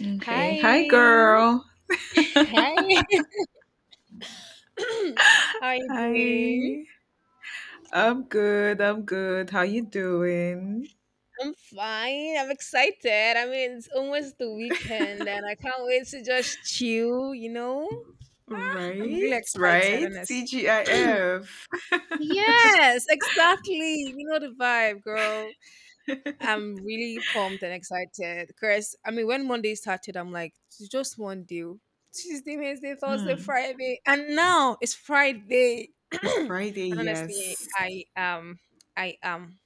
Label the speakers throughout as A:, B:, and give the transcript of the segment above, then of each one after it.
A: Okay. Hi,
B: Hi.
A: girl.
B: Hi. How are you doing?
A: Hi. I'm good. I'm good. How you doing?
B: I'm fine. I'm excited. I mean, it's almost the weekend and I can't wait to just chill, you know? I'm really
A: Right,
B: excited,
A: right.
B: honestly.
A: TGIF.
B: Yes, exactly. You know the vibe, girl. I'm really pumped and excited because I mean, when Monday started, I'm like, "It's just one deal." Tuesday, Wednesday, Thursday,
A: Mm.
B: Friday, and now it's Friday.
A: It's
B: And
A: Friday,
B: honestly,
A: yes.
B: I am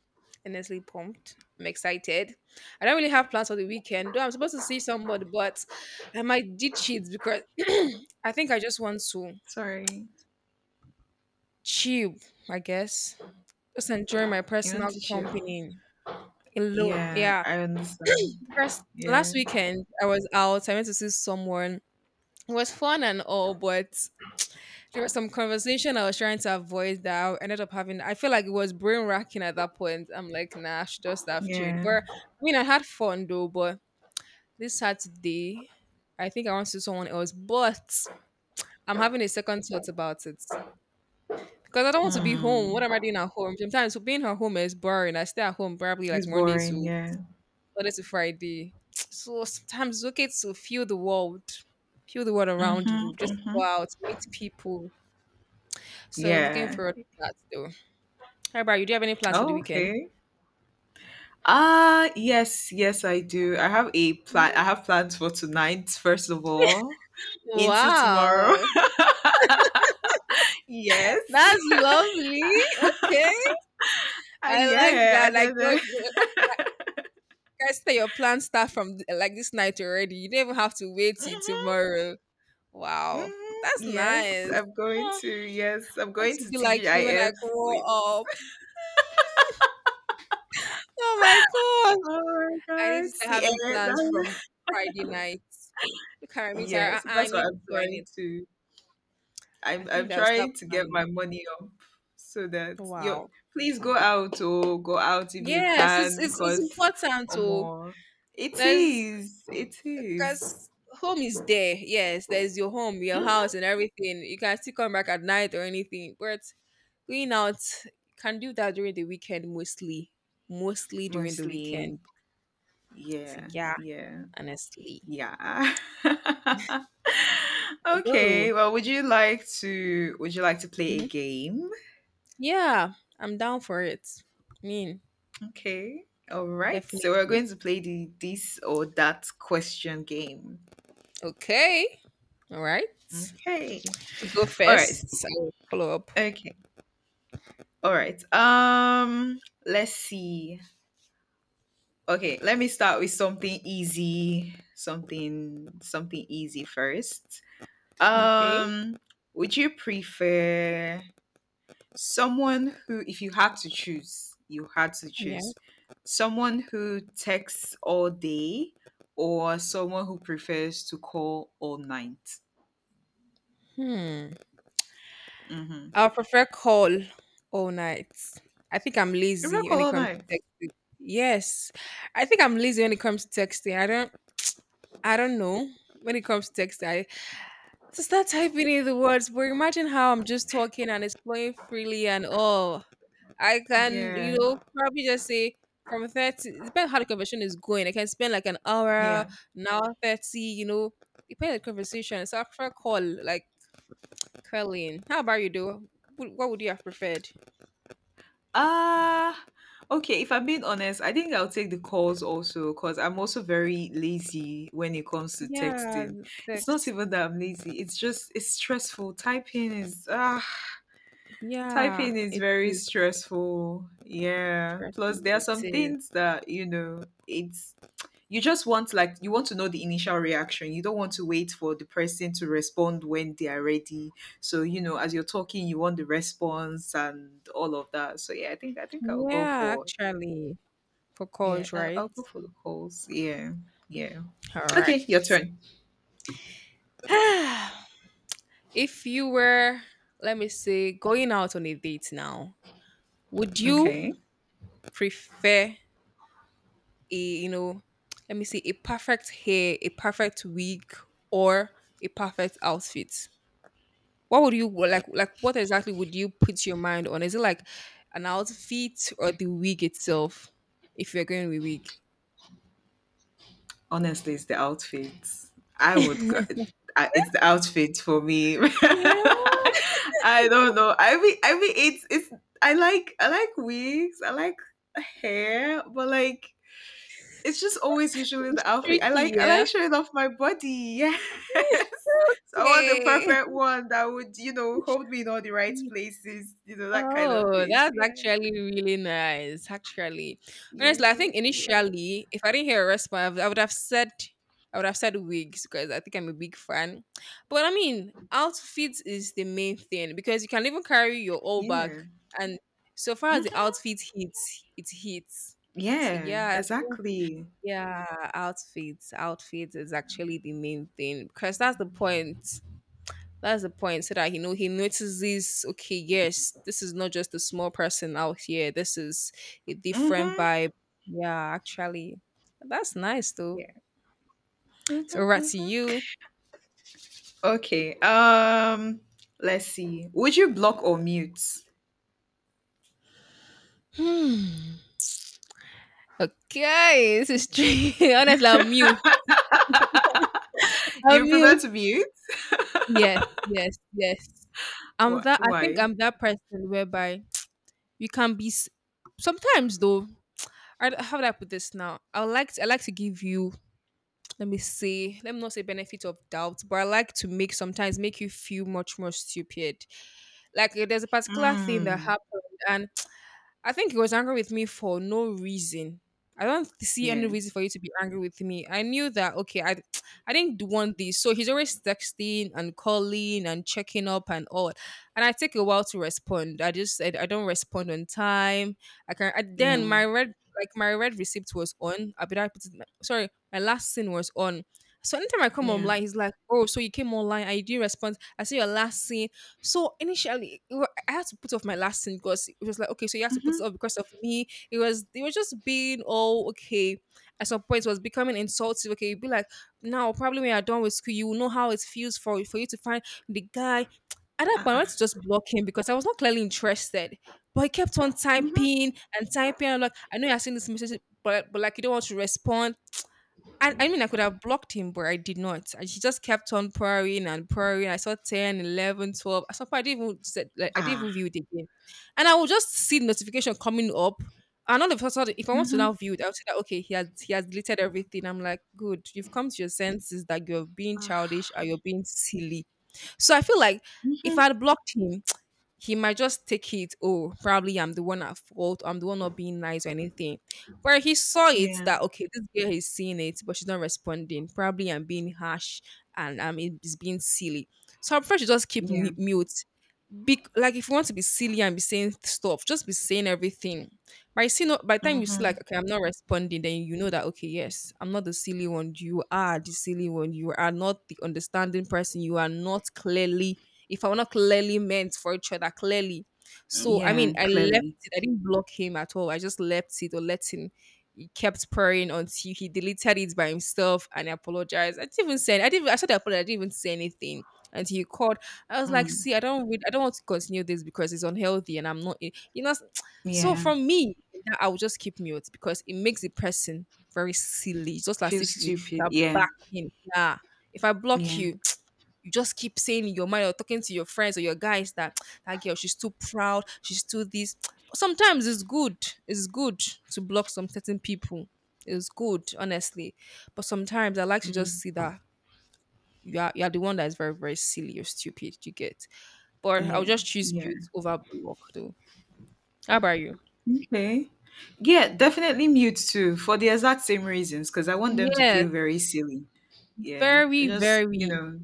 B: honestly pumped. I'm excited. I don't really have plans for the weekend, though. I'm supposed to see somebody, but I might ditch it because I think I just want to
A: Sorry.
B: chill. I guess just enjoy my
A: You want
B: personal
A: to chill?
B: company alone.
A: Yeah,
B: Yeah.
A: I understand.
B: First, last
A: Yeah,
B: weekend I was out. I went to see someone. It was fun and all, but there was some conversation I was trying to avoid that I ended up having. I feel like it was brain racking at that point. I'm like, nah, I should just have chilled.
A: yeah.
B: But I mean, I had fun though. But this Saturday, I think I want to see someone else. But I'm having a second thought about it because I don't want to be home.
A: Hmm.
B: What am I doing at home? Sometimes being at home is boring. I stay at home probably like
A: It's
B: Monday
A: boring,
B: to
A: yeah.
B: Monday to Friday. So sometimes it's okay to feel the world around
A: Mm-hmm,
B: you. Just
A: mm-hmm.
B: go out, meet people. So looking
A: Yeah.
B: forward to that though. Hi about you? Do you have any plans for the
A: Oh,
B: weekend?
A: okay. Ah, yes, yes, I do. I have a plan. I have plans for tonight, first of all, into tomorrow.
B: Wow,
A: yes.
B: that's lovely. Okay,
A: Ah,
B: I like
A: yeah.
B: that.
A: And
B: Like,
A: then,
B: I said, your plans start from like this night already. You don't even have to wait till
A: mhm,
B: tomorrow. Wow,
A: mhm,
B: that's
A: yes,
B: nice.
A: I'm
B: Ah,
A: going
B: I
A: to. Yes, I'm
B: want
A: going
B: to
A: to
B: be like you when I
A: TGIF
B: grow
A: with.
B: up. Oh my god.
A: Oh my
B: I need to
A: God,
B: start
A: see
B: having
A: it.
B: plans from Friday night. Look at me, Tara.
A: Yes,
B: I
A: that's what
B: need
A: I'm
B: to. I
A: trying
B: need.
A: to.
B: I
A: I'm
B: think
A: I'm
B: that I'll start
A: trying to get
B: planning.
A: my money up so that you
B: Wow.
A: please go out or go out if you
B: Yes, it's
A: can
B: it's it's
A: because
B: important
A: or
B: to.
A: more it
B: There's,
A: is it is.
B: because home is there. Yes, there's your home, your
A: Mhm.
B: house, and everything. You can still come back at night or anything, but going out, you can do that during the weekend mostly. Mostly during the
A: Mostly,
B: weekend. So
A: yeah,
B: yeah,
A: yeah,
B: honestly.
A: yeah.
B: Although,
A: Okay, well would you like to play a
B: mhm,
A: game?
B: yeah, I'm down for it. I mean,
A: Okay, all right, so we're
B: definitely.
A: going to play the this or that question game.
B: Okay. All right.
A: Okay.
B: You go
A: All right.
B: first. So I'll follow up.
A: Okay. All right. Let's see. Okay, let me start with something easy. Something easy first.
B: Okay.
A: Um, would you prefer someone who, if you had to choose, you had to
B: Yeah.
A: choose, someone who texts all day or someone who prefers to call all night?
B: Hmm.
A: Mm-hmm.
B: I'll prefer call all night. I think I'm
A: You prefer
B: lazy
A: call
B: when it
A: all
B: comes
A: night.
B: to texting. Yes. I think I'm lazy when it comes to texting. I don't know. When it comes to texting, I just start typing in the words, but imagine how I'm just talking and it's flowing freely and all. I can,
A: Yeah.
B: probably just say from 30, it depends how the conversation is going. I can spend like
A: Yeah.
B: an hour 30, depends on the conversation. It's after call, like curling. How about you, do? What would you have preferred?
A: Ah, okay. If I'm being honest, I think I'll take the calls also because I'm also very lazy when it comes to
B: Yeah,
A: texting.
B: the
A: It's not
B: text.
A: even that I'm lazy, it's just it's stressful. Typing is ah
B: Yeah,
A: typing is
B: it
A: very
B: is.
A: stressful. Yeah.
B: Stressful.
A: Plus there are
B: It
A: some
B: is.
A: things that, you know, it's you just want, like, you want to know the initial reaction, you don't want to wait for the person to respond when they are ready, so you know as you're talking you want the response and all of that. So yeah, I think I'll go
B: Yeah,
A: for
B: actually, for
A: yeah,
B: calls, right?
A: I'll go for the calls. Yeah, yeah.
B: All right.
A: Okay, your turn.
B: If you were, let me say, going out on a date now, would you
A: Okay,
B: prefer a, let me see, a perfect hair, a perfect wig, or a perfect outfit? What would you like? Like, what exactly would you put your mind on? Is it like an outfit or the wig itself if you're going with wig?
A: honestly it's the outfits I would go.
B: Yeah,
A: I- it's the outfit for me. I don't know, I mean it's I like, wigs I like hair, but like it's just always usually the
B: it's
A: outfit. I
B: tricky.
A: like,
B: Yeah.
A: showing off my body. Yes. So I want the
B: Okay.
A: perfect one that would, you know, hold me in all the right places, you know, that kind of
B: Oh,
A: thing.
B: that's
A: Yeah.
B: actually really nice. Actually, honestly, I
A: Yeah.
B: think
A: Yeah.
B: initially, if I didn't hear a response, I would have said wigs because I think I'm a big fan. But I mean, outfits is the main thing because you can even carry your all back,
A: Yeah.
B: and so far as the
A: Mhm.
B: outfit hits, it hits. So
A: Yeah.
B: yeah, I think
A: Exactly.
B: yeah, outfits is actually the main thing because that's the point. That's the point. So that you know he notices, okay, yes, this is not just a small person out here. This is a different
A: Mhm.
B: vibe. Yeah, actually. That's nice though.
A: Yeah.
B: So
A: Mhm.
B: right
A: Mhm.
B: to you.
A: Okay. Let's see. Would you block or mute?
B: Hmm. Okay, this is tricky. Honestly, I'm mute. I'm
A: You prefer
B: mute.
A: to mute?
B: Yes, yes, yes. I'm
A: Why?
B: that. I think
A: Why?
B: I'm that person whereby you can be. Sometimes though, how do I put this now? I would like. To, I like to give you, let me say, let me not say benefit of doubt, but I like to make, sometimes make you feel much more stupid, like, there's a particular thing that
A: Mm.
B: happened, and I think he was angry with me for no reason. I don't see any
A: Yeah.
B: reason for you to be angry with me. I knew that, okay, I didn't want this. So he's always texting and calling and checking up and all. And I take a while to respond. I just said I don't respond on time. I can, I, then
A: Yeah.
B: my red, like my red receipt was on. I, but I put it, sorry, my last scene was on. So anytime I come
A: Yeah.
B: online, he's like, "Oh, so you came online? I do respond. I see your last scene." So initially, I had to put off my last scene because it was like, okay, so you have to put it
A: Mhm.
B: off because of me. It was, they were just being all okay. At some point, it was becoming insulting. Okay, you'd be like, now probably when you're done with school, you will know how it feels for you to find the guy. At that
A: Ah.
B: point, I
A: Ah.
B: wanted to just block him because I was not clearly interested. But he kept on
A: Mhm.
B: typing and typing. I'm like, I know you're seeing this message, but like, you don't want to respond. And I mean, I could have blocked him, but I did not. And she just kept on pouring and pouring. I saw ten, 11, 12. 11, 12. At some point, I didn't even said, like, I didn't even
A: Ah.
B: view it again. And I will just see the notification coming up. And all of a sudden, if I want to
A: Mhm.
B: now view it, I'll say that, okay, he has deleted everything. I'm like, good. You've come to your senses that you're being
A: Ugh.
B: childish or you're being silly. So I feel like if
A: Mhm.
B: I had blocked him, he might just take it, oh, probably I'm the one at fault, I'm the one not being nice or anything. But he saw it
A: Yeah,
B: that, okay, this girl is seeing it, but she's not responding. Probably I'm being harsh, and it's being silly. So I'm afraid, she just keep
A: yeah.
B: mute, be, like, if you want to be silly and be saying stuff, just be saying everything. By see no, by the time you see,
A: Mhm.
B: like, okay, I'm not responding, then you know that, okay, yes, I'm not the silly one. You are the silly one. You are not the understanding person. You are not clearly, if I were not clearly meant for each other, clearly. So I mean,
A: Yeah,
B: I left
A: clearly.
B: it. I didn't block him at all. I just left it, or let him, he kept praying until he deleted it by himself and apologized. I didn't even say, I didn't, I said I apologized, I didn't even say anything until he called. I was like,
A: Mm.
B: see, I don't read, I don't want to continue this because it's unhealthy and I'm not, in-" you know. So
A: Yeah.
B: from me, that I will just keep mute because it makes the person very silly. It's just as
A: Feel
B: if you
A: stupid.
B: are
A: Yeah,
B: backing. Yeah. If I block
A: yeah.
B: you, you just keep saying in your mind or talking to your friends or your guys that, that girl, she's too proud, she's too this. But sometimes it's good. It's good to block some certain people. It's good, honestly. But sometimes I like to
A: Mm.
B: just see that you are the one that is very, very silly or stupid. You get, but I'll
A: Yeah,
B: just choose
A: yeah.
B: built over block though. How about you?
A: Okay. Yeah, definitely mute too, for the exact same reasons, because I want them to feel
B: Yes,
A: very silly. Yeah,
B: very,
A: just, you
B: very.
A: know,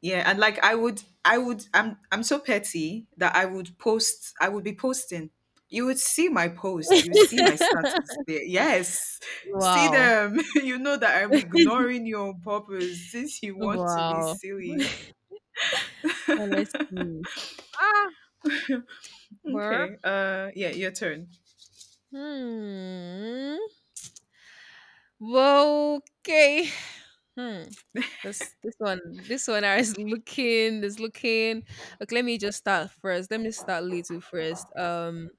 A: yeah, and like I would, I'm so petty that I would post, I would be posting. You would see my post, you would see my status there. Yes. See
B: Wow.
A: them. You know that I'm ignoring you on purpose since you want to be
B: Wow.
A: silly.
B: Honestly. Ah, where?
A: Okay. Yeah, your turn.
B: Hmm. Well, okay. Hmm. This this one this one, I is looking. Okay, let me just start first. Let me start little first.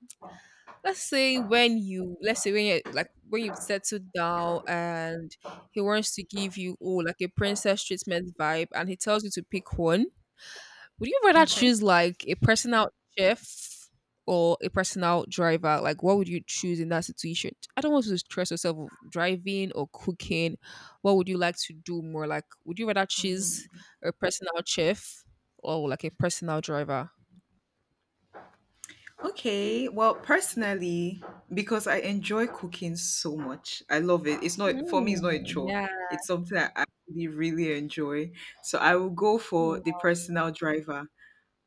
B: Let's say when you like, when you've settled down, and he wants to give you, like, a princess treatment vibe, and he tells you to pick one, would you rather
A: Okay.
B: choose like a personal chef or a personal driver? Like, what would you choose in that situation? I don't want you to stress yourself with driving or cooking. What would you like to do more? Like, would you rather choose a personal chef or like a personal driver?
A: Okay, well, personally, because I enjoy cooking so much, I love it. It's not for me. It's not a
B: Mm,
A: chore.
B: yeah.
A: It's something I actually really enjoy. So I will go for the personal driver.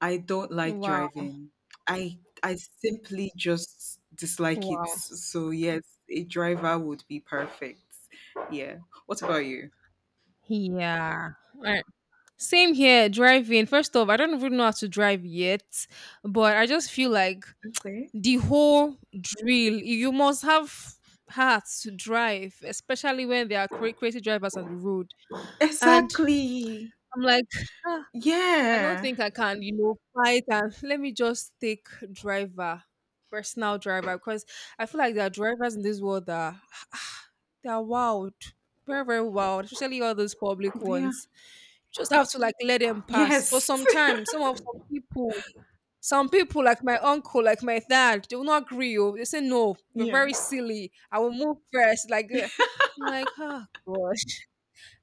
A: I don't like
B: Wow.
A: driving. I I simply just dislike it.
B: Wow.
A: So yes, a driver would be perfect. Yeah. What about you?
B: Yeah. Alright. Same here, driving. First off, I don't even know how to drive yet, but I just feel like
A: Okay.
B: the whole drill, you must have heart to drive, especially when there are crazy drivers on the road. And
A: Exactly.
B: I'm like, I don't
A: Yeah.
B: think I can, fight and let me just take driver, personal driver, because I feel like there are drivers in this world that are, they are wild, very, very wild, especially all those public
A: Yeah.
B: ones. You just have to like let them pass. But
A: Yes.
B: sometimes some people like my uncle, like my dad, they will not agree. Oh, they say no, we're
A: Yeah.
B: very silly. I will move first. Like eh, I'm like, oh god.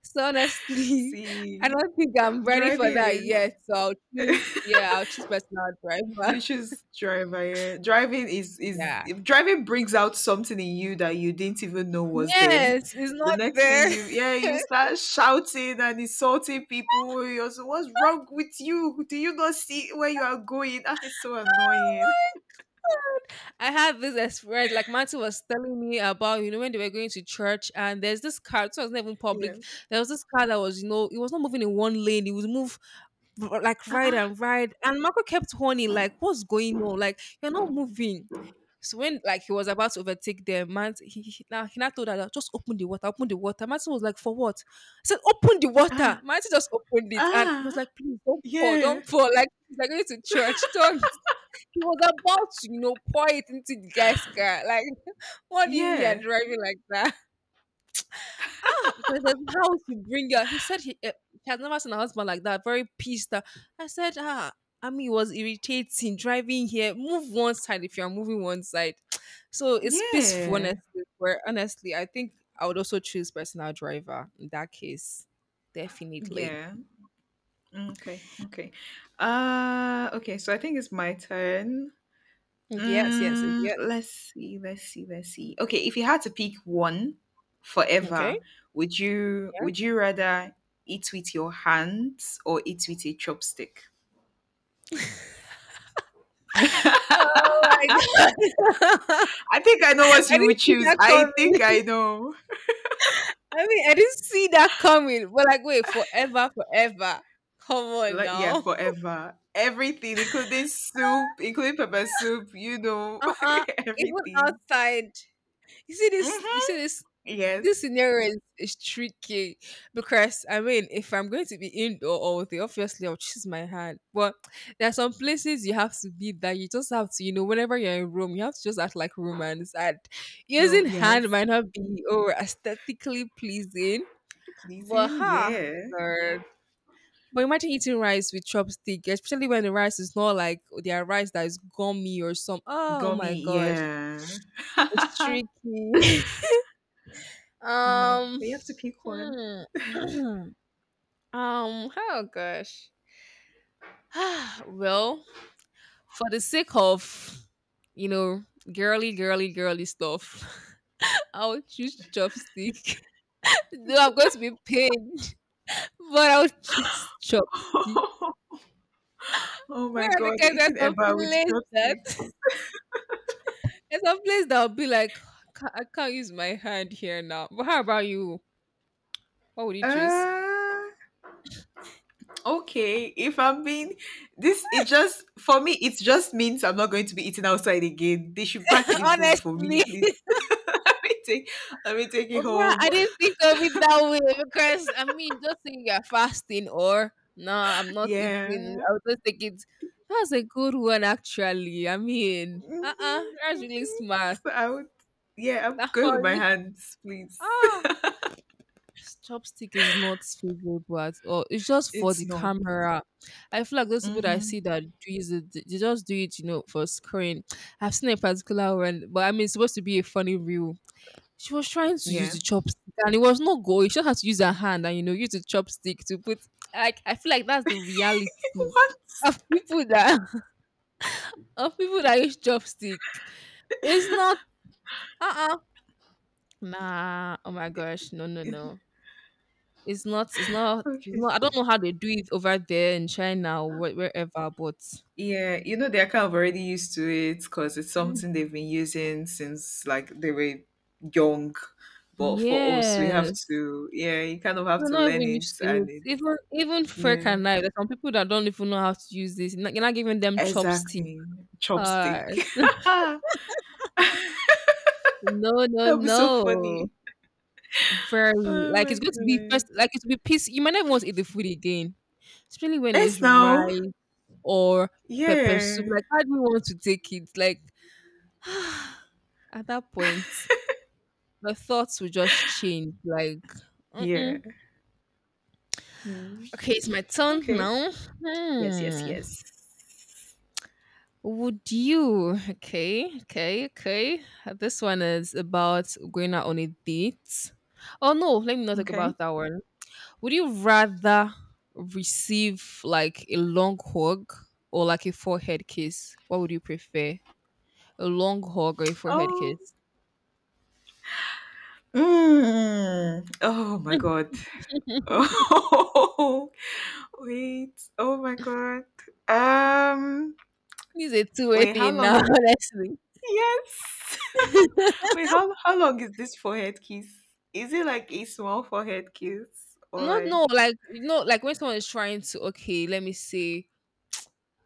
B: So honestly, I
A: See.
B: don't think I'm ready for
A: Driving
B: that
A: is
B: yet. So I'll choose, yeah, I'll choose personal driver.
A: you choose driver, yeah. Driving is
B: Yeah,
A: driving brings out something in you that you didn't even know
B: yeah.
A: was there.
B: Yes, it's
A: The
B: not
A: next thing
B: there.
A: you, yeah, you start shouting and insulting people. You're so what's wrong with you? Do you not see where you are going? Ah, it's so
B: God.
A: annoying.
B: I had this experience. Like Matthew was telling me about, you know, when they were going to church, and there's this car. It was not even
A: Yeah.
B: public. There was this car that was, you know, it was not moving in one lane. It was like right
A: Ah,
B: and right. And Marco kept horning, like, "What's going on? Like, you're not moving." So when like he was about to overtake them, man, he now told her that just open the water, open the water. Martin was like, for what? I said, open the
A: ah,
B: water. Martin just opened
A: ah,
B: it and was
A: ah,
B: like, please don't pour,
A: yeah,
B: don't pour. Like he's like going to church. Don't. He was about to, you know, pour it into the guy's car. Like, what do you mean you're
A: yeah,
B: driving like that? Ah, because there's how to bring her. He said he he has never seen a husband like that, very pissed off. I said, ah, I mean, it was irritating driving here. Move one side if you're moving one side. So it's peaceful,
A: yeah,
B: honestly. Where honestly, I think I would also choose personal driver in that case, definitely.
A: yeah. Okay, okay. Okay, so I think it's my turn.
B: Yes, yes, yes,
A: Mm,
B: yes.
A: let's see, Okay, if you had to pick one forever,
B: Okay.
A: would you
B: Yeah.
A: rather eat with your hands or eat with a chopstick?
B: Oh my god!
A: I think I know what
B: I
A: you would
B: didn't see
A: choose.
B: that
A: I think
B: coming.
A: I know.
B: I mean, I didn't see that coming. But like, wait, forever, forever. Come on
A: Like yeah,
B: now.
A: forever. Everything, including soup, including pepper soup, you know,
B: Uh-uh. Even
A: everything.
B: outside. You see
A: Hmm.
B: this this
A: Yes.
B: scenario is tricky because I mean if I'm going to be indoor all day, obviously I'll choose my hand. But there are some places you have to be that you just have to, you know, whenever you're in room, you have to just act like romance and
A: No,
B: using hand
A: yes.
B: might not be or aesthetically pleasing. But
A: Pleasing,
B: ha
A: yeah.
B: Lord. But imagine eating rice with chopstick, especially when the rice is not like their rice that is gummy or some oh my
A: Gummy,
B: gosh.
A: yeah.
B: It's tricky.
A: Mm,
B: um,
A: but you have to pick one.
B: hmm. Oh gosh. well, for the sake of, you know, girly, girly, girly stuff, I'll choose chopstick. Though I'm going to be paid, but I'll choose chopstick.
A: Oh my
B: Yeah,
A: god,
B: because there's
A: eating
B: some
A: eba with
B: place that
A: chopsticks.
B: there's some place that will be like, I can't use my hand here now. But how about you? What would you choose?
A: Uh, okay, if I'm being this, it just for me, it just means I'm not going to be eating outside again. They should pack the food for me,
B: Honestly.
A: please. Let me take, it
B: Oh, bruh,
A: home.
B: I didn't think of it that way because I mean, just saying you're fasting or no, I'm not
A: Yeah.
B: eating. I'll just take it. That's a good one, actually. I mean,
A: Mhm,
B: that's really
A: mhm.
B: smart.
A: So I would, yeah, I'm
B: That
A: going with my
B: one,
A: hands, please.
B: ah, chopstick is not favorable at all. It's just for
A: It's
B: the
A: not.
B: camera. I feel like those people that I
A: Mm-hmm.
B: see that do use it, they just do it, you know, for screen. I've seen a particular one, but I mean, it's supposed to be a funny view. She was trying to use
A: Yeah.
B: the chopstick and it was not going. She just had to use her hand and you know use the chopstick to put like I feel like that's the reality
A: What?
B: of people that of people that use chopstick. It's not uh uh nah oh my gosh no no no it's not it's not
A: Okay.
B: no I don't know how they do it over there in China or wherever but
A: Yeah, you know, they're kind of already used to it because it's
B: mm.
A: something they've been using since like they were young. But for us, we have
B: Yes
A: to, yeah, you kind of have
B: they're
A: to
B: not
A: learn
B: even used
A: it,
B: to it
A: and it's,
B: even even fork
A: yeah,
B: and knife there's some people that don't even know how to use this you're not giving them chopstick
A: exactly. Chopstick.
B: course. No, no,
A: That'll be so funny.
B: no. Very
A: Oh
B: like it's
A: my
B: going to be
A: goodness.
B: first like it's be peace. You might not even want to eat the food again. Especially when
A: Yes,
B: it's
A: now.
B: rice or pepper soup.
A: Yeah.
B: Like how do you want to take it? Like at that point, the thoughts will just change. Like
A: Yeah.
B: mm-mm.
A: Mm.
B: Okay, it's my turn
A: Okay.
B: now.
A: Yes, yes,
B: Hmm.
A: yes.
B: Would you? Okay, okay, okay. This one is about going out on a date. Oh no, let me not talk
A: Okay.
B: about that one. Would you rather receive like a long hug or like a forehead kiss? What would you prefer? A long hug or a forehead
A: Oh.
B: kiss?
A: Mm. Oh my God. Oh, wait. Oh my God. Um,
B: This is a two-way
A: wait, how
B: thing
A: long?
B: now.
A: Yes. Wait, how long is this forehead kiss? Is it like a small forehead kiss or
B: No,
A: like?
B: no, like you know, like when someone is trying to okay, let me say,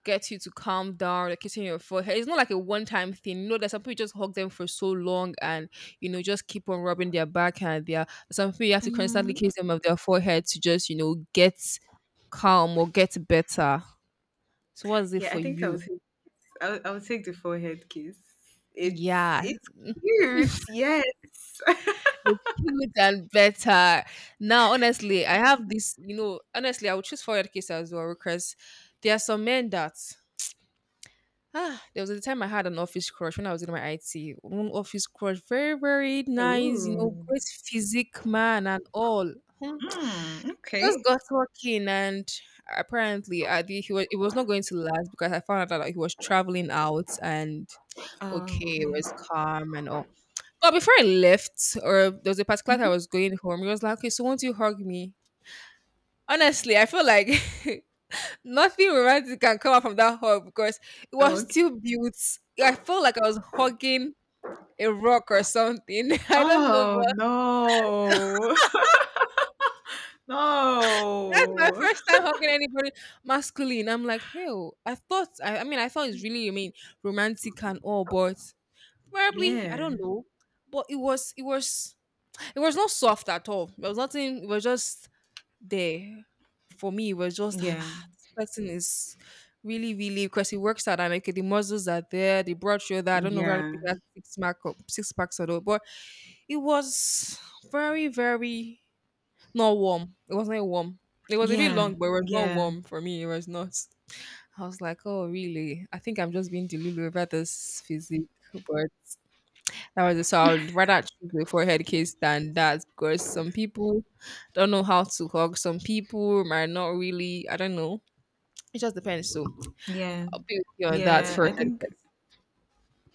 B: get you to calm down, like kissing your forehead. It's not like a one-time thing. You know, that some people you just hug them for so long and you know just keep on rubbing their back and their some people you have to
A: Mm,
B: constantly kiss them of their forehead to just you know get calm or get better. So what's it
A: yeah, I
B: for
A: think I would.
B: you?
A: I would, I would take the forehead kiss.
B: Yeah.
A: It's cute. Yes.
B: It's cute and better. Now, honestly, I have this, you know, honestly, I would choose forward case as well because there are some men that ah, there was a time I had an office crush when I was in my IT. One office crush, very, very nice, you know,
A: Ooh.
B: great physique man and all. Hmm.
A: Mm,
B: It just
A: okay.
B: got working and apparently I think he was it was not going to last because I found out that he was traveling out and
A: Oh,
B: okay, it
A: okay.
B: was calm and all. But before I left, or there was a particular time I
A: Mhm.
B: was going home, he was like, okay, so won't you hug me? Honestly, I feel like nothing romantic can come out from that hug because it was
A: Okay.
B: still built. I felt like I was hugging a rock or something. I don't know,
A: Oh
B: but
A: no.
B: that's my
A: No.
B: first time hugging anybody masculine. I'm like, hell, I thought it's really, I mean, romantic and all, but probably, I
A: Yeah.
B: don't know. But it was not soft at all. There was nothing, it was just there for me was just "Ah,
A: Yeah.
B: ah, this person is really really because he works out and okay the muscles are there the broad shoulder I don't know where he
A: Yeah.
B: has six packs or not but it was very very not warm it wasn't warm it was a bit
A: Yeah.
B: long but it was not
A: Yeah.
B: warm for me it was not I was like oh really I think I'm just being delulu about this physique but that was it. So I would rather choose before head kiss than that because some people don't know how to hug. Some people might not really. I don't know. It just depends. So
A: Yeah.
B: I'll be with you on that
A: Yeah.
B: for
A: I
B: head
A: think
B: kiss.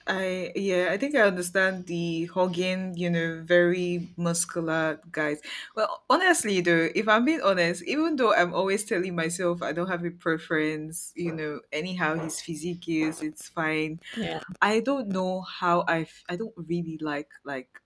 A: I yeah, I think I understand the hugging, you know, very muscular guys. Well, honestly though, if I'm being honest, even though I'm always telling myself I don't have a preference, you know, anyhow his physique is, it's fine.
B: Yeah.
A: I don't know how I don't really like,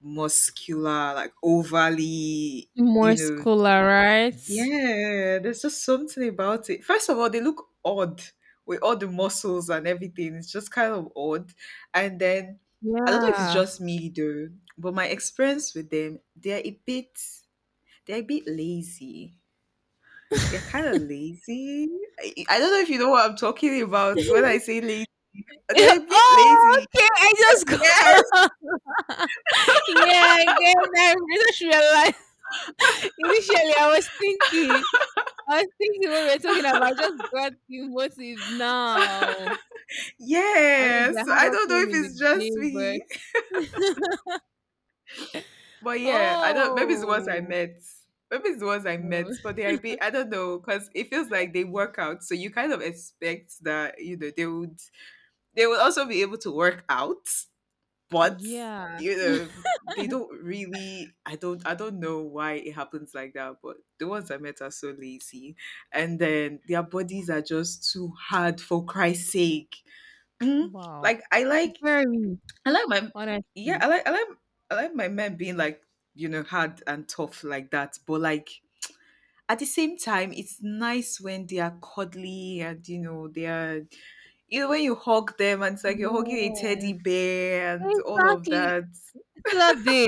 A: muscular, like overly,
B: More
A: you know,
B: scholar, right?
A: yeah, there's just something about it. First of all, they look odd with all the muscles and everything. It's just kind of odd. And then I don't know if it's
B: Yeah.
A: just me though, but my experience with them, they're a bit lazy. They're kind of lazy. I don't know if you know what I'm talking about when I say lazy.
B: Yeah,
A: They're a bit
B: oh,
A: lazy.
B: okay. I just
A: Yes.
B: got. Yeah, I get that. I just realized. Initially, I was thinking what we're talking about. I just got the motive now. I mean, they're
A: Yes. I don't know
B: hardworking
A: if
B: in the
A: it's just
B: gym, but
A: me. But yeah, I don't. Maybe it's the ones I
B: oh,
A: met.
B: oh,
A: But they, I don't know, because it feels like they work out. So you kind of expect that, you know, they would also be able to work out. But
B: yeah,
A: you know, they don't really. I don't. I don't know why it happens like that. But the ones I met are so lazy, and then their bodies are just too hard, for Christ's sake. Mhm.
B: wow,
A: Like I like,
B: very
A: I like my yeah,
B: honestly,
A: I like my men being like, you know, hard and tough like that. But like at the same time, it's nice when they are cuddly and you know, they are you know, when you hug them and it's like you're hugging a teddy
B: yes,
A: bear and all of
B: exactly.
A: that.
B: Still that day,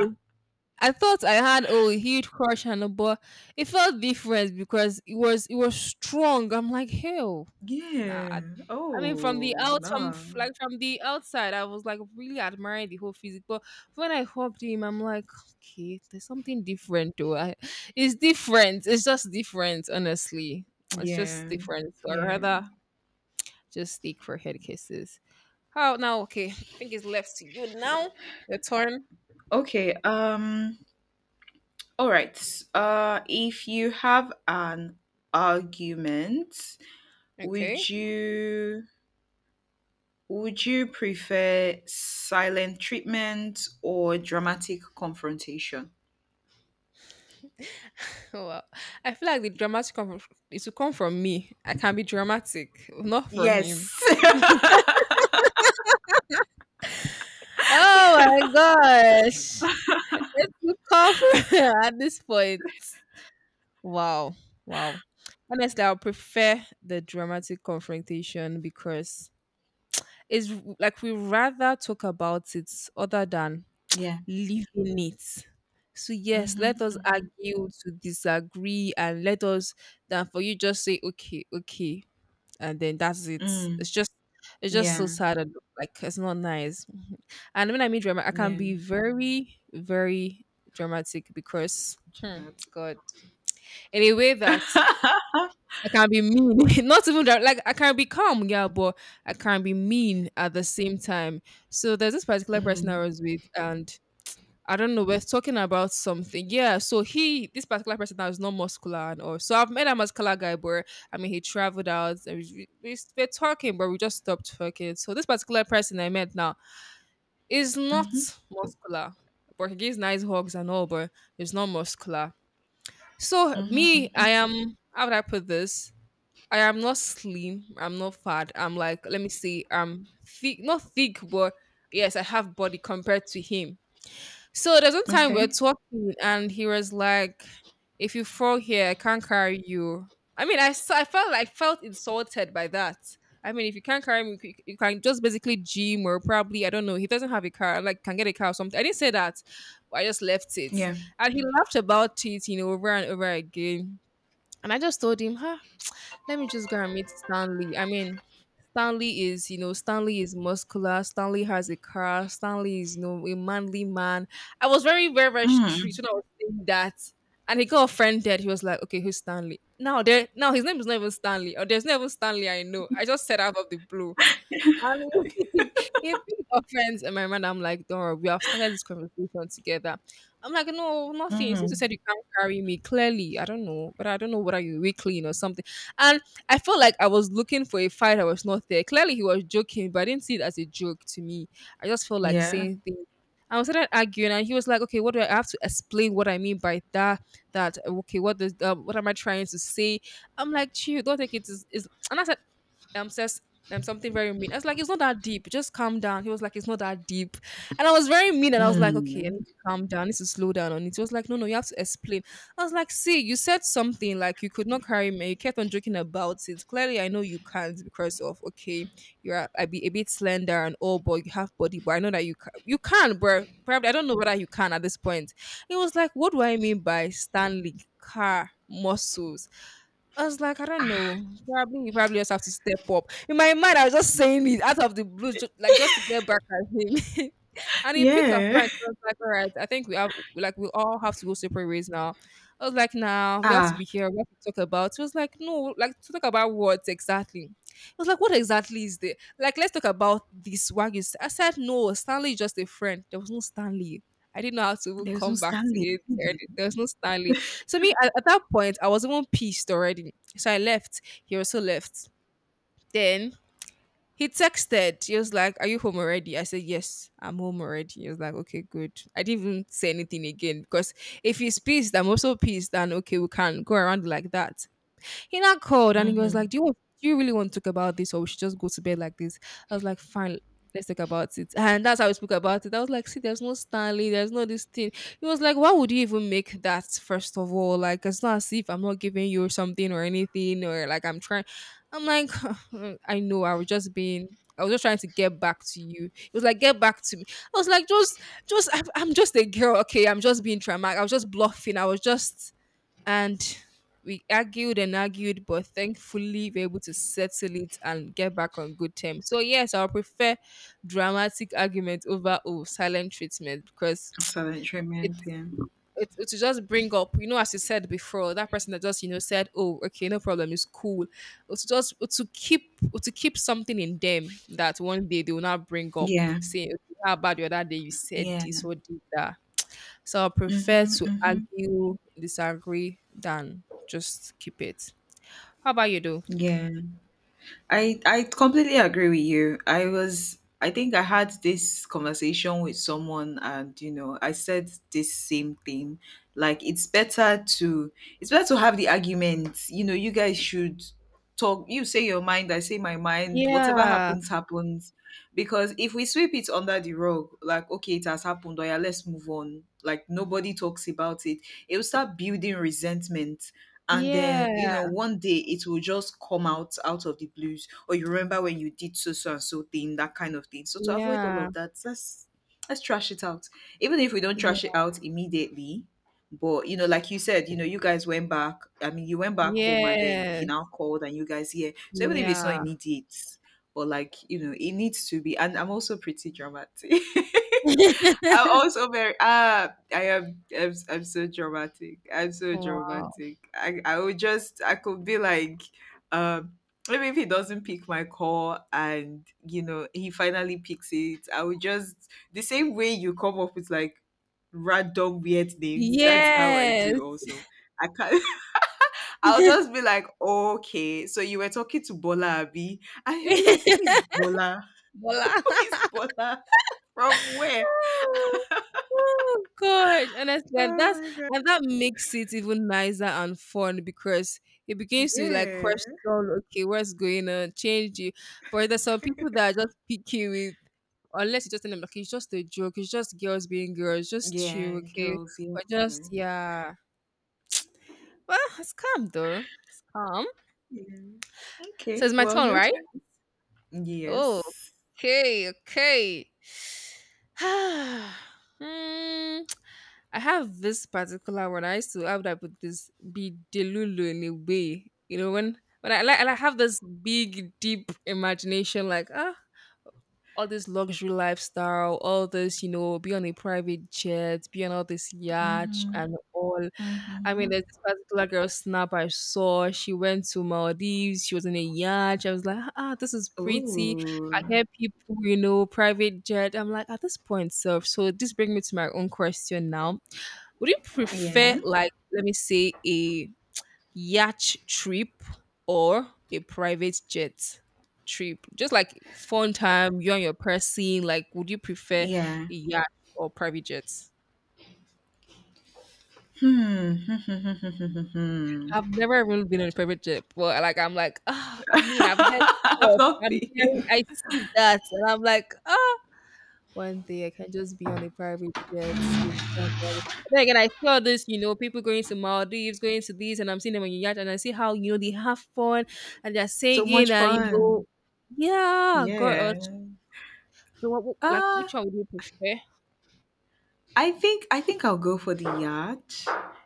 B: I thought I had oh, a huge crush on her, but it felt different because it was strong. I'm like, hell, nah,
A: Yeah.
B: I mean,
A: Oh
B: from
A: no.
B: like from the outside, I was like really admiring the whole physique. But when I hopped in, I'm like, okay, there's something different, though. I, it's different. It's just different, honestly. It's just
A: Yeah.
B: different. So I
A: Yeah.
B: rather just stick for head kisses. How now? Okay, I think it's left to you now. Your turn.
A: Okay. All right. If you have an argument,
B: Okay.
A: would you prefer silent treatment or dramatic confrontation?
B: Well, I feel like the dramatic come from, it should come from me. I can be dramatic, not from him.
A: Yes.
B: Oh my gosh. It's too cover at this point. Wow. Wow. Honestly, I prefer the dramatic confrontation because it's like we rather talk about it other than
A: Yeah.
B: leaving it. So yes, let
A: Mhm.
B: us
A: Mhm.
B: argue to disagree and let us than for you just say okay, okay, and then that's it.
A: Mm.
B: It's just it's just so
A: Yeah.
B: sad and like it's not nice. And when I mean drama, I can
A: Yeah.
B: be very, very dramatic because, hmm,
A: That.
B: God, in a way that I can be mean. Not even like I can be calm, yeah, but I can be mean at the same time. So there's this particular person I
A: Mm.
B: was with, and I don't know, we're talking about something. Yeah, so this particular person now is not muscular and all. So I've met a muscular guy, but I mean, he traveled out. And we're talking, but we just stopped talking. So this particular person I met now, it's not
A: Mhm.
B: muscular. But he gives nice hugs and all, but it's not muscular. So
A: Mhm.
B: me,
A: Mhm.
B: I am how would I put this? I am not slim. I'm not fat. I'm like, let me see, I'm thick not thick, but yes, I have body compared to him. So there's one time we are
A: Okay.
B: talking, and he was like, "If you fall here, I can't carry you." I mean, I felt insulted by that. I mean, if you can't carry me, you can just basically gym or probably I don't know. He doesn't have a car, I'm like can get a car or something. I didn't say that, but I just left it,
A: Yeah.
B: and he laughed about it over and over again. And I just told him, "Huh, let me just go and meet Stanley." I mean, Stanley is muscular. Stanley has a car. Stanley is a manly man. I was very, very, very strict
A: Mm.
B: when I was saying that. And he got offended. He was like, okay, who's Stanley? Now his name is not even Stanley. Or there's not even Stanley I know. I just said out of the blue. And he, he picked offense in my mind. I'm like, don't worry, we have started this conversation together. I'm like, no, nothing. Since you
A: Mhm.
B: said you can't carry me, clearly, I don't know, but I don't know whether you're weak clean or something. And I felt like I was looking for a fight. I was not there. Clearly, he was joking, but I didn't see it as a joke to me. I just felt like
A: Yeah.
B: saying things. I was started arguing, and he was like, "Okay, what do I have to explain? What I mean by that? That okay? What am I trying to say?" I'm like, "Chill, don't take it is." And as says something very mean. I was like, it's not that deep. Just calm down. He was like, it's not that deep. And I was very mean and I was like, okay, I
A: Mm.
B: need to calm down. I need to slow down on it. He was like, no, no, you have to explain. I was like, see, you said something like you could not carry me. You kept on joking about it. Clearly, I know you can't because of okay, you're a bit slender and all, but you have body. But I know that you can. You can, bro. Probably I don't know whether you can at this point. He was like, what do I mean by Stanley car muscles? I was like, I don't
A: Ah.
B: know. Probably you probably just have to step up. In my mind, I was just saying it out of the blue, just to get back at him. And he picked our
A: Yeah.
B: friends. I was like, all right, I think we all have to go separate ways now. I was like, nah, we have to
A: Ah.
B: be here. We have to talk about. He was like, no, like to talk about what exactly? I was like, what exactly is there? Like, let's talk about this. What you? Say. I said, no, Stanley is just a friend. There was no Stanley. I didn't know how to even
A: There's no
B: come back to
A: Stanley.
B: it. There was no Stanley. So me at that point, I was even pissed already. So I left. He also left. Then he texted. He was like, "Are you home already?" I said, "Yes, I'm home already." He was like, "Okay, good." I didn't even say anything again because if he's pissed, I'm also pissed. And okay, we can go around like that. He now called and he was
A: Mhm.
B: like, "Do you really want to talk about this, or we should just go to bed like this?" I was like, "Fine." Let's talk about it. And that's how we spoke about it. I was like, see, there's no Stanley, there's no this thing. He was like, why would you even make that first of all? Like, it's not as if I'm not giving you something or anything, or like I'm trying. I'm like, I know, I was just trying to get back to you. It was like, get back to me. I was like, just, I'm just a girl. Okay. I'm just being dramatic. I was just bluffing. And we argued and argued, but thankfully we were able to settle it and get back on good terms. So yes, I'll prefer dramatic argument over silent treatment because
A: Silent treatment.
B: it's
A: Yeah.
B: it's it to just bring up, as you said before, that person that just said, "Oh, okay, no problem, it's cool." It's just to keep something in them that one day they will not bring up,
A: Yeah.
B: saying, okay, "How about the other day you said
A: Yeah.
B: this or did that?" So I prefer
A: Mhm.
B: to
A: Mhm.
B: argue, disagree than just keep it. How about you though?
A: Yeah. I completely agree with you. I was I think I had this conversation with someone and you know I said this same thing. Like it's better to have the argument. You know, you guys should talk, you say your mind, I say my mind, whatever
B: Yeah.
A: happens, happens. Because if we sweep it under the rug, like okay, it has happened, or yeah, let's move on. Like nobody talks about it, it will start building resentment, and then you know
B: Yeah.
A: one day it will just come out out of the blues, or you remember when you did so so and so thing, that kind of thing. So to avoid all
B: Yeah.
A: of that, let's trash it out. Even if we don't
B: Yeah.
A: trash it out immediately, but you know, like you said, you know, you guys went back, I mean, you went back home and then he now
B: Yes.
A: called and you guys here. So even if it's not
B: Yeah.
A: immediate, but like you know, it needs to be. And I'm also pretty dramatic. I'm also very ah I am I'm so dramatic. I'm so
B: Wow.
A: dramatic. I would just I could be like um maybe if he doesn't pick my call and you know he finally picks it, I would just the same way you come up with like random weird names, that's how I
B: Yes.
A: do also. I can't I'll just be like, okay, so you were talking to Bola Abi, and he'll be like, who is Bola?
B: Bola.
A: Who is Bola? From where?
B: Oh, oh gosh,
A: Oh
B: honestly, and that's
A: my god.
B: and that makes it even nicer and fun because it begins to like
A: Yeah.
B: question, okay, what's going on, change you. But there's some people that are just picky with, unless you just tell them, like, it's just a joke, it's just girls being girls, just chill,
A: Yeah,
B: okay,
A: girls. Yeah.
B: or just yeah. Well, it's calm though, it's calm.
A: Yeah.
B: So
A: Okay.
B: it's my
A: Well,
B: turn,
A: your
B: right?
A: turn.
B: Oh,
A: Yes.
B: okay, okay. Hmm, I have this particular one. I used to how would I put this be delulu in a way. You know, when I like and I have this big deep imagination, like all this luxury lifestyle, all this, be on a private jet, be on all this yacht
A: Mm-hmm.
B: and all. I mean,
A: Mm-hmm.
B: there's this particular girl snap I saw. She went to Maldives. She was in a yacht. I was like, this is pretty.
A: Ooh.
B: I hear people, private jet. I'm like, at this point, self. So this brings me to my own question now. Would you prefer,
A: Yeah.
B: like, let me say, a yacht trip or a private jet trip? Just like fun time, you and your person. Like, would you prefer a
A: Yeah.
B: yacht or private jet?
A: Hmm.
B: I've never really been on a private jet, but, like, I'm like, I mean, I've heard
A: I've
B: stuff,
A: not
B: I'm hearing
A: been.
B: I see that, and I'm like, "Ah, one day I can just be on a private jet with somebody." Then again, I see all this people going to Maldives, going to these, and I'm seeing them on your yacht, and I see how they have fun, and they're
A: So
B: singing,
A: much
B: and, you know
A: fun.
B: Yeah, girl,
A: Yeah.
B: so what
A: Uh
B: which one would you prefer?
A: I think I'll go for the yacht.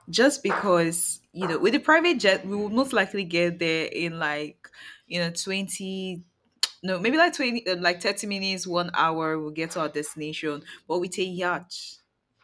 A: Just because, you know, with the private jet, we will most likely get there in like, you know, 20 no, maybe like 20, like 30 minutes, one hour, we'll get to our destination. But with a yacht,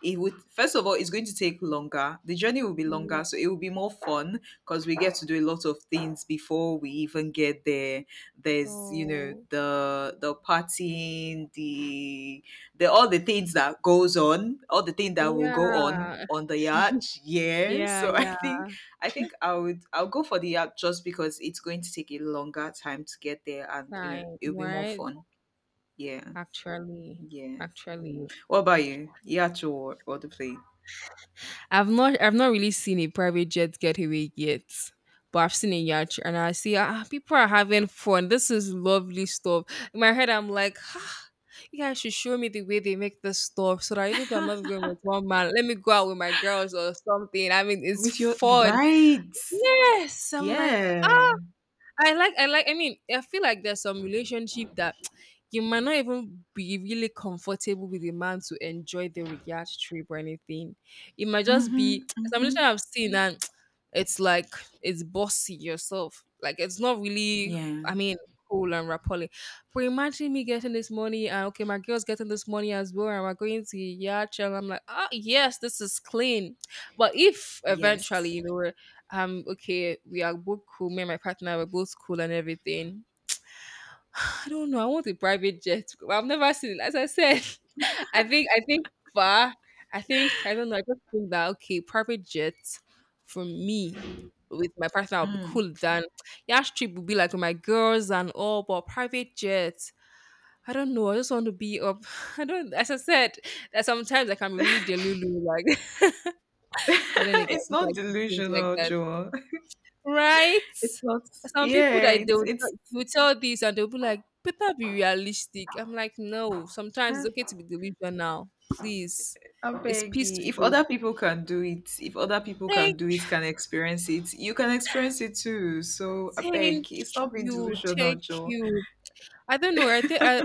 A: it would, first of all, it's going to take longer. The journey will be
B: Yeah.
A: longer, so it will be more fun because we get to do a lot of things before we even get there. There's, you know,
B: Oh.
A: the partying, the all the things that goes on, all the things that will go
B: Yeah.
A: on the yacht. Yeah.
B: Yeah,
A: So I think
B: yeah.
A: I think I would, I'll go for the app just because it's going to take a longer time to get there and you know
B: Time,
A: it'll be more
B: right?
A: fun. Yeah.
B: Actually,
A: Yeah.
B: actually,
A: What about you? The or, the play?
B: I've not really seen a private jet getaway yet, but I've seen a yacht, and I see people are having fun. This is lovely stuff. In my head, I'm like, you guys should show me the way they make this stuff, so that even though I'm not going with one man, let me go out with my girls or something. I mean, it's
A: With your
B: fun.
A: right.
B: Yes, I'm like, "Ah,
A: Yeah.
B: I like, I like." I mean, I feel like there's some relationship that you might not even be really comfortable with a man to enjoy the yacht trip or anything. It might just
A: Mm-hmm.
B: be some
A: Mm-hmm.
B: relationship I've seen, and it's like it's bossy yourself. Like it's not really.
A: Yeah.
B: I mean, cool and rapport. But imagine me getting this money, and okay, my girl's getting this money as well, and we're going to yacht, and I'm like, yes, this is clean. But if eventually,
A: Yes.
B: okay, we are both cool, me and my partner, we're both cool and everything. I don't know, I want a private jet. Well, I've never seen it, as I said. I think far. I think i don't know i just think that okay, private jet for me with my partner I'll be
A: Mm.
B: cool than yash trip would be like with my girls and all, but private jet. I don't know. I just want to be up. I don't. As I said, that sometimes I can be really delulu, like. But then again, I
A: It's
B: just
A: not
B: like to think like
A: delusional,
B: that.
A: Joel.
B: Right?
A: It's not
B: Some people
A: yeah,
B: that they will tell,
A: it's
B: you will tell this and they'll be like, better be realistic. I'm like, no, sometimes it's okay to be delusional. Please.
A: I
B: It's
A: beg you. If
B: peaceful.
A: other people can do it, if other people can
B: Thank
A: do it, can experience it, you can experience it too. So I
B: thank
A: beg, it's not being
B: you.
A: delusional,
B: Thank
A: Joe.
B: you. I don't know. I think I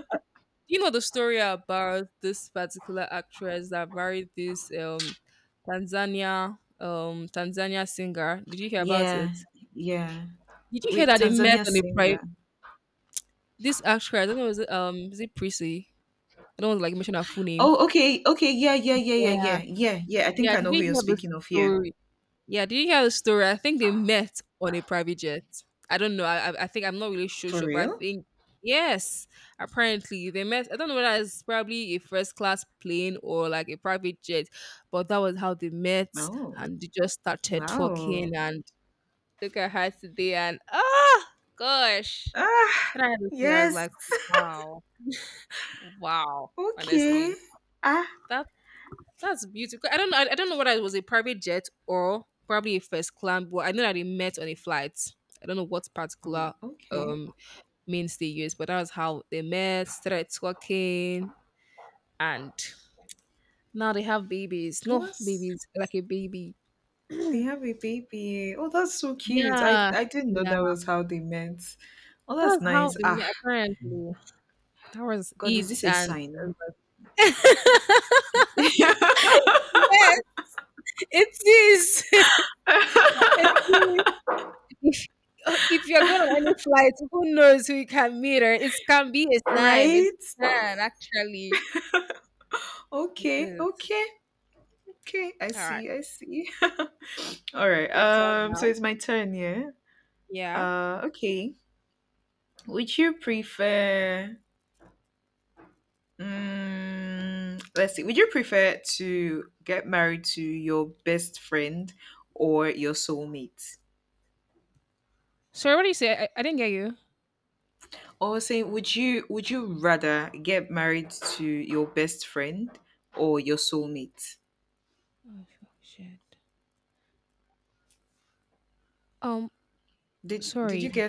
B: you know the story about this particular actress that married this Tanzania singer. Did you hear about
A: Yeah,
B: it?
A: yeah.
B: Did you hear
A: Wait,
B: that they met
A: Tanzania
B: on a
A: singer.
B: private this actress? I don't know, is it Prissy? I don't want to like mention her full name.
A: Oh, okay, okay, yeah, yeah, yeah, yeah,
B: Yeah.
A: yeah, yeah, yeah. I think
B: Yeah,
A: I
B: did
A: know who
B: you
A: you're
B: hear the
A: speaking of here.
B: story? Yeah, did you hear the story? I think they met on a private jet. I don't know. I think I'm not really sure,
A: For
B: sure, but I
A: real?
B: think yes. Apparently they met. I don't know whether it's probably a first class plane or like a private jet, but that was how they met
A: Oh,
B: and they just started talking
A: wow.
B: and look at her today and gosh.
A: Ah,
B: And I had to hear, I was
A: yes.
B: like, wow, wow.
A: Okay.
B: Honestly,
A: Ah,
B: that That's beautiful. I don't know. I don't know whether it was a private jet or probably a first class, but I know that they met on a flight. I don't know what
A: I mean,
B: particular
A: okay.
B: um means they use, but that was how they met, started talking, and now they have babies. No
A: Yes.
B: babies, like a baby.
A: They have a baby. Oh, that's so cute.
B: Yeah,
A: I didn't know
B: yeah.
A: that was how they met. Oh, that's
B: That's how
A: nice.
B: they
A: Ah,
B: met. Apparently, that was
A: God, is
B: it,
A: this a
B: and.
A: sign?
B: Yes, it is. It is. If if you're going on any flight, who knows who you can meet or it can be a sign. It
A: Right?
B: can actually. It
A: Okay,
B: is.
A: okay, okay. I
B: All right.
A: see, I see. All right.
B: Your turn
A: So
B: now.
A: it's my turn. Yeah.
B: Yeah.
A: Okay. Would you prefer? Mm, let's see. Would you prefer to get married to your best friend or your soulmate?
B: Sorry, what did you say? I didn't get you.
A: Or saying, would you rather get married to your best friend or your soulmate?
B: Oh, fuck, shit. Um,
A: Did you
B: sorry.
A: get